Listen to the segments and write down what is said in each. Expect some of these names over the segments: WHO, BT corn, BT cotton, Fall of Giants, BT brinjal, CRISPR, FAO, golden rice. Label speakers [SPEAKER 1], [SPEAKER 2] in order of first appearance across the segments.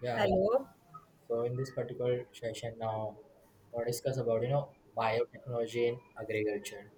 [SPEAKER 1] Yeah,
[SPEAKER 2] Hello.
[SPEAKER 1] so in this particular session now, we'll discuss about biotechnology in agriculture.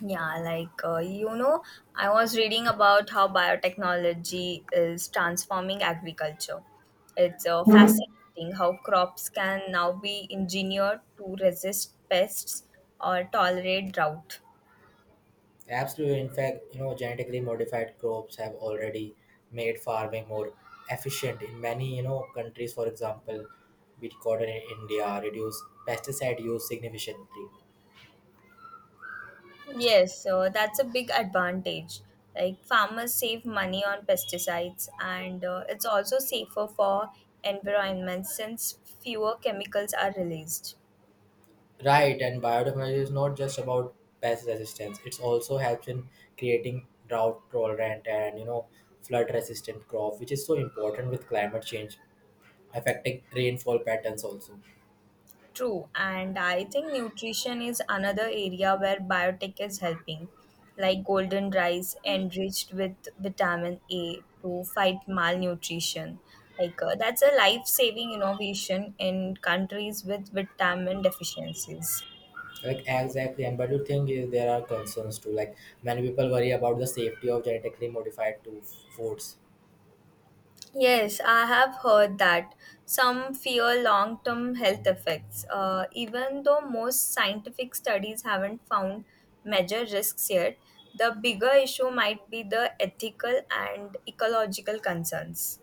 [SPEAKER 2] Yeah, I was reading about how biotechnology is transforming agriculture. It's
[SPEAKER 1] Yeah.
[SPEAKER 2] fascinating how crops can now be engineered to resist pests or tolerate drought.
[SPEAKER 1] Absolutely, in fact, you know genetically modified crops have already made farming more efficient in many countries. For example, wheat cotton in India reduce pesticide use significantly.
[SPEAKER 2] Yes, so that's a big advantage. Like, farmers save money on pesticides, and it's also safer for environment since fewer chemicals are released.
[SPEAKER 1] Right, and biotechnology is not just about pest resistance; it also helps in creating drought tolerant and flood resistant crop, which is so important with climate change affecting rainfall patterns also.
[SPEAKER 2] True, and I think nutrition is another area where biotech is helping, like golden rice enriched with vitamin A to fight malnutrition. That's a life-saving innovation in countries with vitamin deficiencies.
[SPEAKER 1] Like exactly, and but the thing is there are concerns too. Like many people worry about the safety of genetically modified to foods.
[SPEAKER 2] Yes, I have heard that some fear long term health effects, even though most scientific studies haven't found major risks yet. The bigger issue might be the ethical and ecological concerns.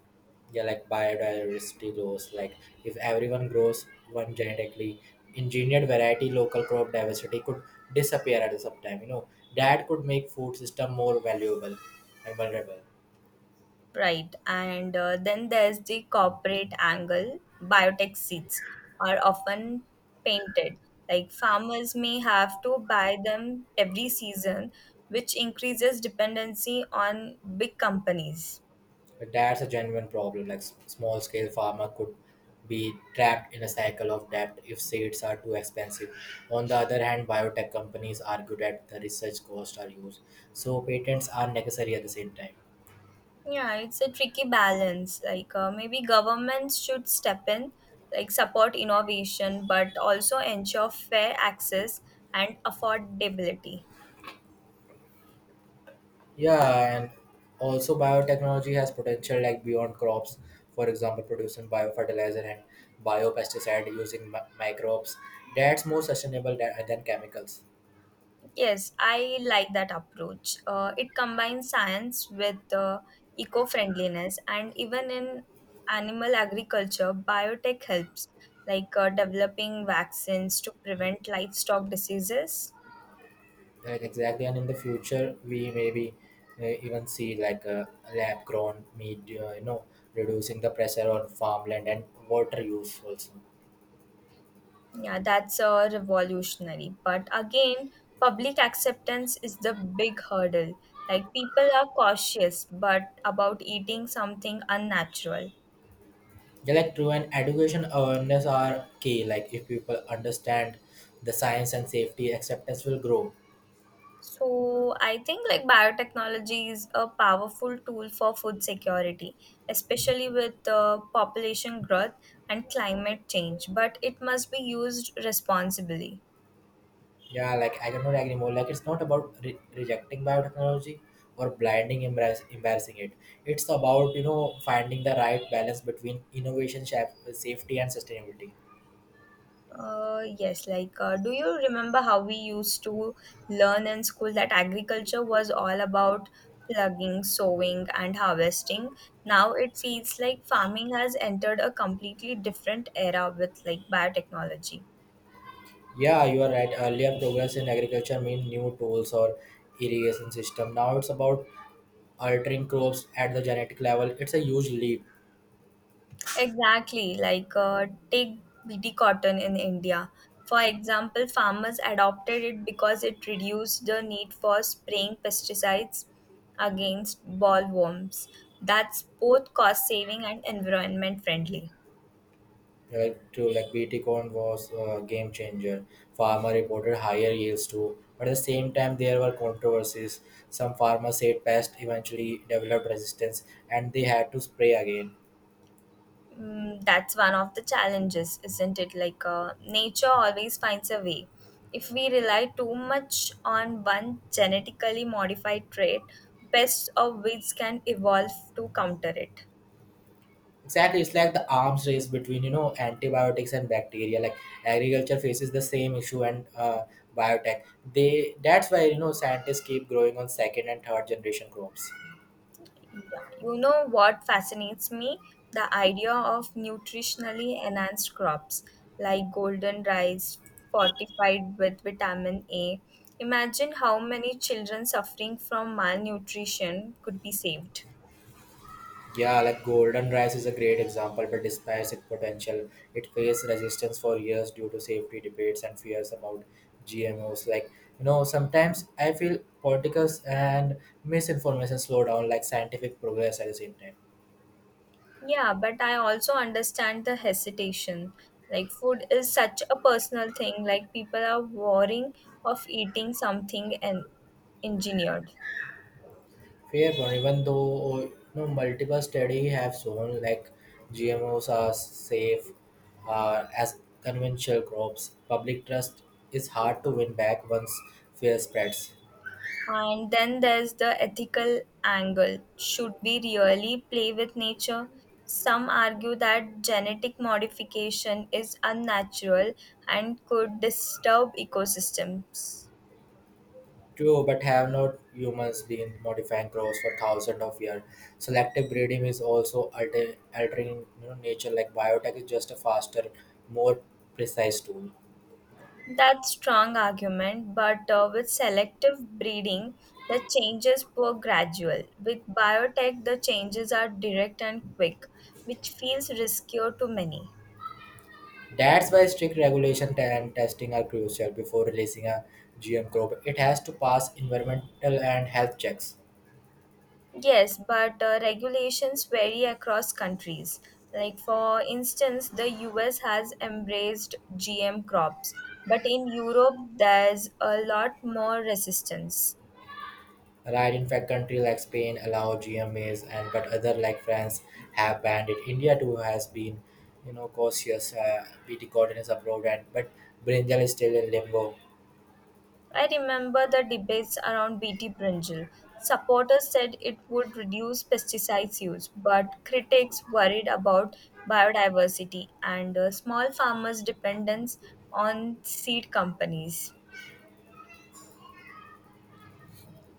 [SPEAKER 1] Yeah, like biodiversity loss. Like if everyone grows one genetically engineered variety, local crop diversity could disappear at some time, that could make food system more valuable and vulnerable.
[SPEAKER 2] Right, and then there's the corporate angle. Biotech seeds are often painted. Like farmers may have to buy them every season, which increases dependency on big companies.
[SPEAKER 1] That's a genuine problem. Like small scale farmer could be trapped in a cycle of debt if seeds are too expensive. On the other hand, biotech companies argue that the research costs are huge, so patents are necessary at the same time.
[SPEAKER 2] Yeah, it's a tricky balance. Maybe governments should step in, like support innovation, but also ensure fair access and affordability.
[SPEAKER 1] Yeah, and also biotechnology has potential like beyond crops. For example, producing biofertilizer and biopesticide using microbes. That's more sustainable than chemicals.
[SPEAKER 2] Yes, I like that approach. It combines science with eco-friendliness, and even in animal agriculture, biotech helps, like developing vaccines to prevent livestock diseases.
[SPEAKER 1] Right, exactly. And in the future, we maybe even see like a lab grown meat, reducing the pressure on farmland and water use also.
[SPEAKER 2] Yeah, that's a revolutionary. But again, public acceptance is the big hurdle. Like people are cautious but about eating something unnatural.
[SPEAKER 1] Yeah, like true, and education awareness are key. Like if people understand the science and safety, acceptance will grow.
[SPEAKER 2] So I think like biotechnology is a powerful tool for food security, especially with the population growth and climate change, but it must be used responsibly.
[SPEAKER 1] Yeah, like I cannot agree more. Like it's not about rejecting biotechnology or blinding embarrassing it. It's about finding the right balance between innovation, safety, and sustainability.
[SPEAKER 2] Yes, do you remember how we used to learn in school that agriculture was all about plugging, sowing, and harvesting? Now it feels like farming has entered a completely different era with like biotechnology.
[SPEAKER 1] Yeah, you are right. Earlier progress in agriculture meant new tools or irrigation system. Now it's about altering crops at the genetic level. It's a huge leap.
[SPEAKER 2] Exactly, take BT cotton in India. For example, farmers adopted it because it reduced the need for spraying pesticides against ballworms. That's both cost saving and environment friendly.
[SPEAKER 1] Like BT corn was a game changer. Farmer reported higher yields too. But at the same time, there were controversies. Some farmers said pests eventually developed resistance, and they had to spray again.
[SPEAKER 2] Mm, that's one of the challenges, isn't it? Nature always finds a way. If we rely too much on one genetically modified trait, pests or weeds can evolve to counter it.
[SPEAKER 1] Exactly, it's like the arms race between antibiotics and bacteria. Like agriculture faces the same issue and biotech. They That's why scientists keep growing on second and third generation crops.
[SPEAKER 2] Yeah. You know what fascinates me? The idea of nutritionally enhanced crops like golden rice fortified with vitamin A. Imagine how many children suffering from malnutrition could be saved.
[SPEAKER 1] Yeah, like golden rice is a great example, but despite its potential, it faced resistance for years due to safety debates and fears about GMOs. Sometimes I feel politicals and misinformation slow down like scientific progress at the same time.
[SPEAKER 2] Yeah, but I also understand the hesitation. Like, food is such a personal thing, like, people are worrying of eating something and engineered.
[SPEAKER 1] Fair point, even though multiple studies have shown like gmos are safe, as conventional crops, public trust is hard to win back once fear spreads.
[SPEAKER 2] And then there's the ethical angle. Should we really play with nature? Some argue that genetic modification is unnatural and could disturb ecosystems.
[SPEAKER 1] True, but have not humans been modifying crops for thousands of years? Selective breeding is also altering, nature. Like biotech is just a faster, more precise tool.
[SPEAKER 2] That's strong argument, but with selective breeding, the changes were gradual. With biotech, the changes are direct and quick, which feels riskier to many.
[SPEAKER 1] That's why strict regulation and testing are crucial. Before releasing a GM crop, it has to pass environmental and health checks.
[SPEAKER 2] Yes, but regulations vary across countries. Like, for instance, the US has embraced GM crops, but in Europe, there's a lot more resistance.
[SPEAKER 1] Right, in fact, countries like Spain allow GM maize, and but other like France have banned it. India too has been, cautious. BT cotton is approved, and but brinjal is still in limbo.
[SPEAKER 2] I remember the debates around BT brinjal. Supporters said it would reduce pesticides use, but critics worried about biodiversity and small farmers' dependence on seed companies.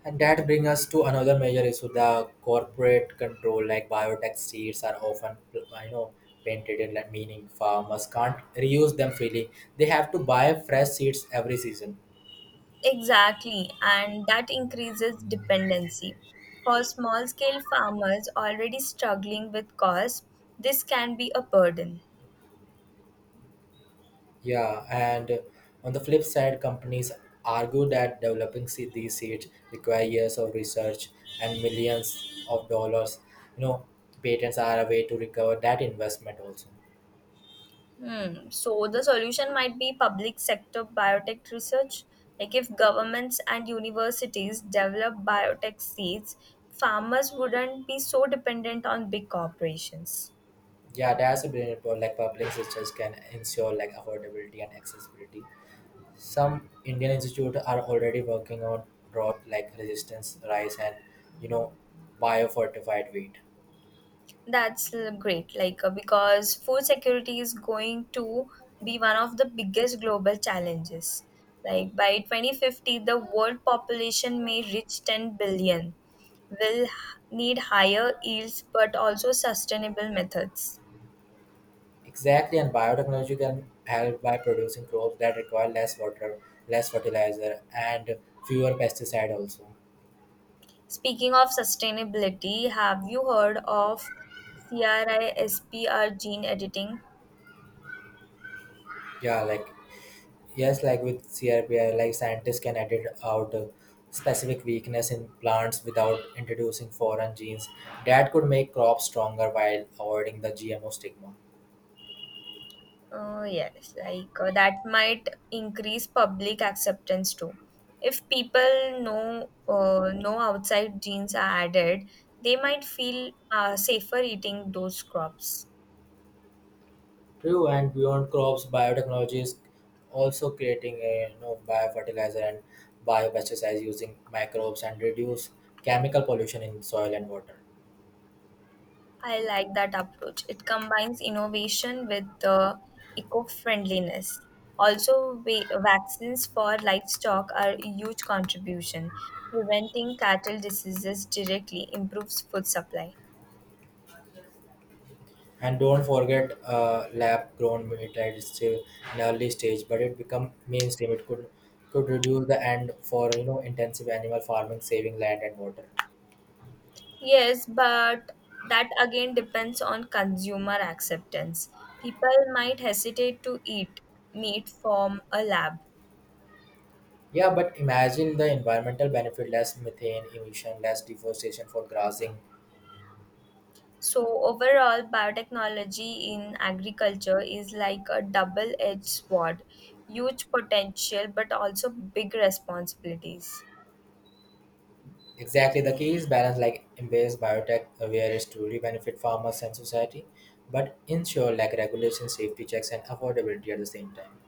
[SPEAKER 1] And that brings us to another major issue: the corporate control. Like biotech seeds are often, know, painted in, like meaning farmers can't reuse them freely. They have to buy fresh seeds every season.
[SPEAKER 2] Exactly, and that increases dependency. For small scale farmers already struggling with costs, this can be a burden.
[SPEAKER 1] Yeah, and on the flip side, companies argue that developing seed, these seeds require years of research and millions of dollars. You know, patents are a way to recover that investment also.
[SPEAKER 2] Hmm. So the solution might be public sector biotech research. Like if governments and universities develop biotech seeds, farmers wouldn't be so dependent on big corporations.
[SPEAKER 1] Yeah, that's a brilliant point. Like public systems can ensure like affordability and accessibility. Some Indian institutes are already working on drought like resistance rice and you know biofortified wheat.
[SPEAKER 2] That's great, because food security is going to be one of the biggest global challenges. Like by 2050, the world population may reach 10 billion. Will h- Need higher yields but also sustainable methods.
[SPEAKER 1] Exactly, and biotechnology can help by producing crops that require less water, less fertilizer, and fewer pesticide also.
[SPEAKER 2] Speaking of sustainability, have you heard of CRISPR gene editing?
[SPEAKER 1] Yeah, like yes, like with CRPI, like scientists can edit out specific weakness in plants without introducing foreign genes that could make crops stronger while avoiding the GMO stigma.
[SPEAKER 2] Oh, yes, that might increase public acceptance too. If people know no outside genes are added, they might feel safer eating those crops.
[SPEAKER 1] True, and beyond crops, biotechnology is also creating a biofertilizer and biopesticides using microbes and reduce chemical pollution in soil and water.
[SPEAKER 2] I like that approach. It combines innovation with eco-friendliness. Also, vaccines for livestock are a huge contribution. Preventing cattle diseases directly improves food supply.
[SPEAKER 1] And don't forget lab grown meat. That is still in early stage, but it become mainstream. It could reduce the end for intensive animal farming, saving land and water.
[SPEAKER 2] Yes, but that again depends on consumer acceptance. People might hesitate to eat meat from a lab.
[SPEAKER 1] Yeah, but imagine the environmental benefit: less methane emission, less deforestation for grazing.
[SPEAKER 2] So, overall, biotechnology in agriculture is like a double edged sword huge potential, but also big responsibilities.
[SPEAKER 1] Exactly, the key is balance. Like embrace biotech where it's truly benefit farmers and society, but ensure like regulation, safety checks, and affordability at the same time.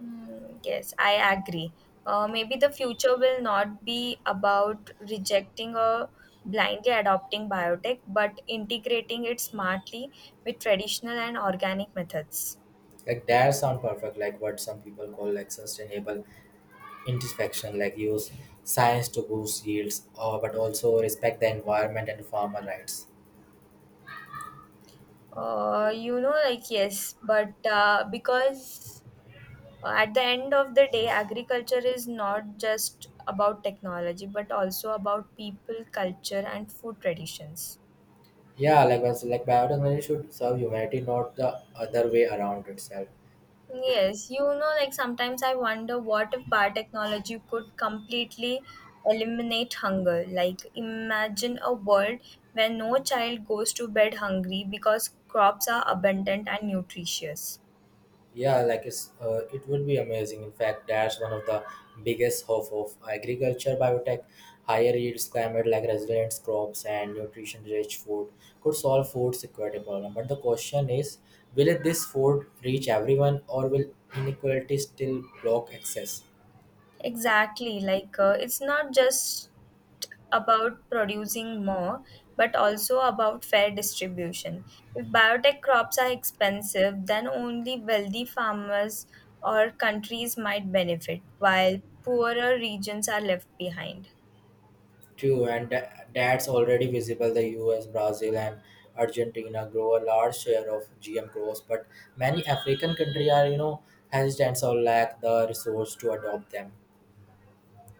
[SPEAKER 2] Mm, yes, I agree. Maybe the future will not be about rejecting or blindly adopting biotech, but integrating it smartly with traditional and organic methods.
[SPEAKER 1] Like that sound perfect, like what some people call like sustainable introspection. Like use science to boost yields, or but also respect the environment and farmer rights.
[SPEAKER 2] You know, like, yes, but because at the end of the day, agriculture is not just about technology, but also about people, culture, and food traditions.
[SPEAKER 1] Yeah, like was like biotechnology should serve humanity, not the other way around itself.
[SPEAKER 2] Yes, you know, like sometimes I wonder what if biotechnology could completely eliminate hunger? Like, imagine a world where no child goes to bed hungry because crops are abundant and nutritious.
[SPEAKER 1] Yeah, like it's, it would be amazing. In fact, that's one of the biggest hope of agriculture biotech. Higher yields, climate like resilient crops and nutrition-rich food could solve food security problem. But the question is, will it, this food reach everyone, or will inequality still block access?
[SPEAKER 2] Exactly, it's not just about producing more, but also about fair distribution. If biotech crops are expensive, then only wealthy farmers or countries might benefit, while poorer regions are left behind.
[SPEAKER 1] True, and that's already visible. The U.S., Brazil, and Argentina grow a large share of GM crops, but many African countries are, hesitant or lack the resource to adopt them.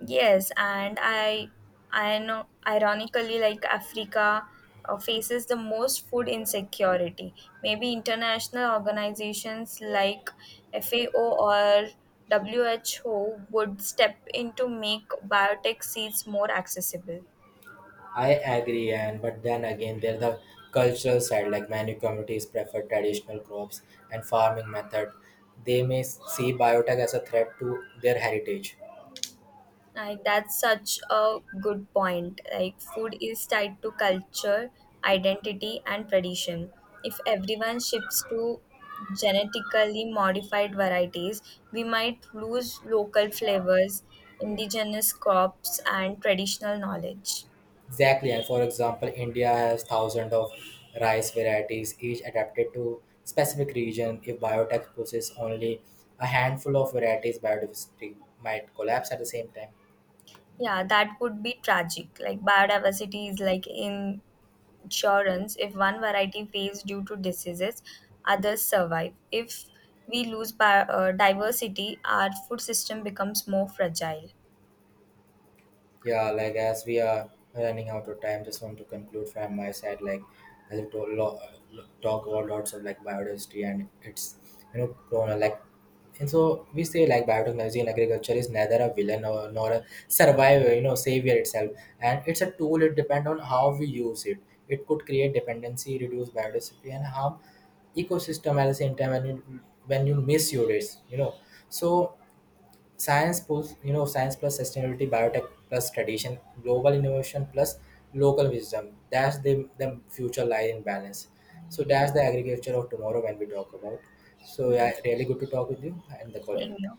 [SPEAKER 2] Yes, and I know, ironically, like Africa faces the most food insecurity. Maybe international organizations like FAO or WHO would step in to make biotech seeds more accessible.
[SPEAKER 1] I agree, and but then again, there's the cultural side. Like many communities prefer traditional crops and farming method. They may see biotech as a threat to their heritage.
[SPEAKER 2] Like that's such a good point. Like food is tied to culture, identity, and tradition. If everyone shifts to genetically modified varieties, we might lose local flavors, indigenous crops, and traditional knowledge.
[SPEAKER 1] Exactly, and for example, India has thousands of rice varieties, each adapted to specific region. If biotech possesses only a handful of varieties, biodiversity might collapse at the same time.
[SPEAKER 2] Yeah, that would be tragic. Like biodiversity is like in insurance if one variety fails due to diseases others survive if we lose diversity our food system becomes more fragile.
[SPEAKER 1] Yeah, like as we are running out of time, just want to conclude from my side. Like as we told, talk about lots of like biodiversity and it's corona like. And so we say like biotechnology in agriculture is neither a villain or, nor a survivor, savior itself. And it's a tool. It depends on how we use it. It could create dependency, reduce biodiversity, and harm ecosystem at the same time. When you misuse it, so science plus sustainability, biotech plus tradition, global innovation plus local wisdom. That's the future lie in balance. So that's the agriculture of tomorrow when we talk about. So
[SPEAKER 2] Yeah,
[SPEAKER 1] yeah, really good to talk with you and the career.
[SPEAKER 2] same here.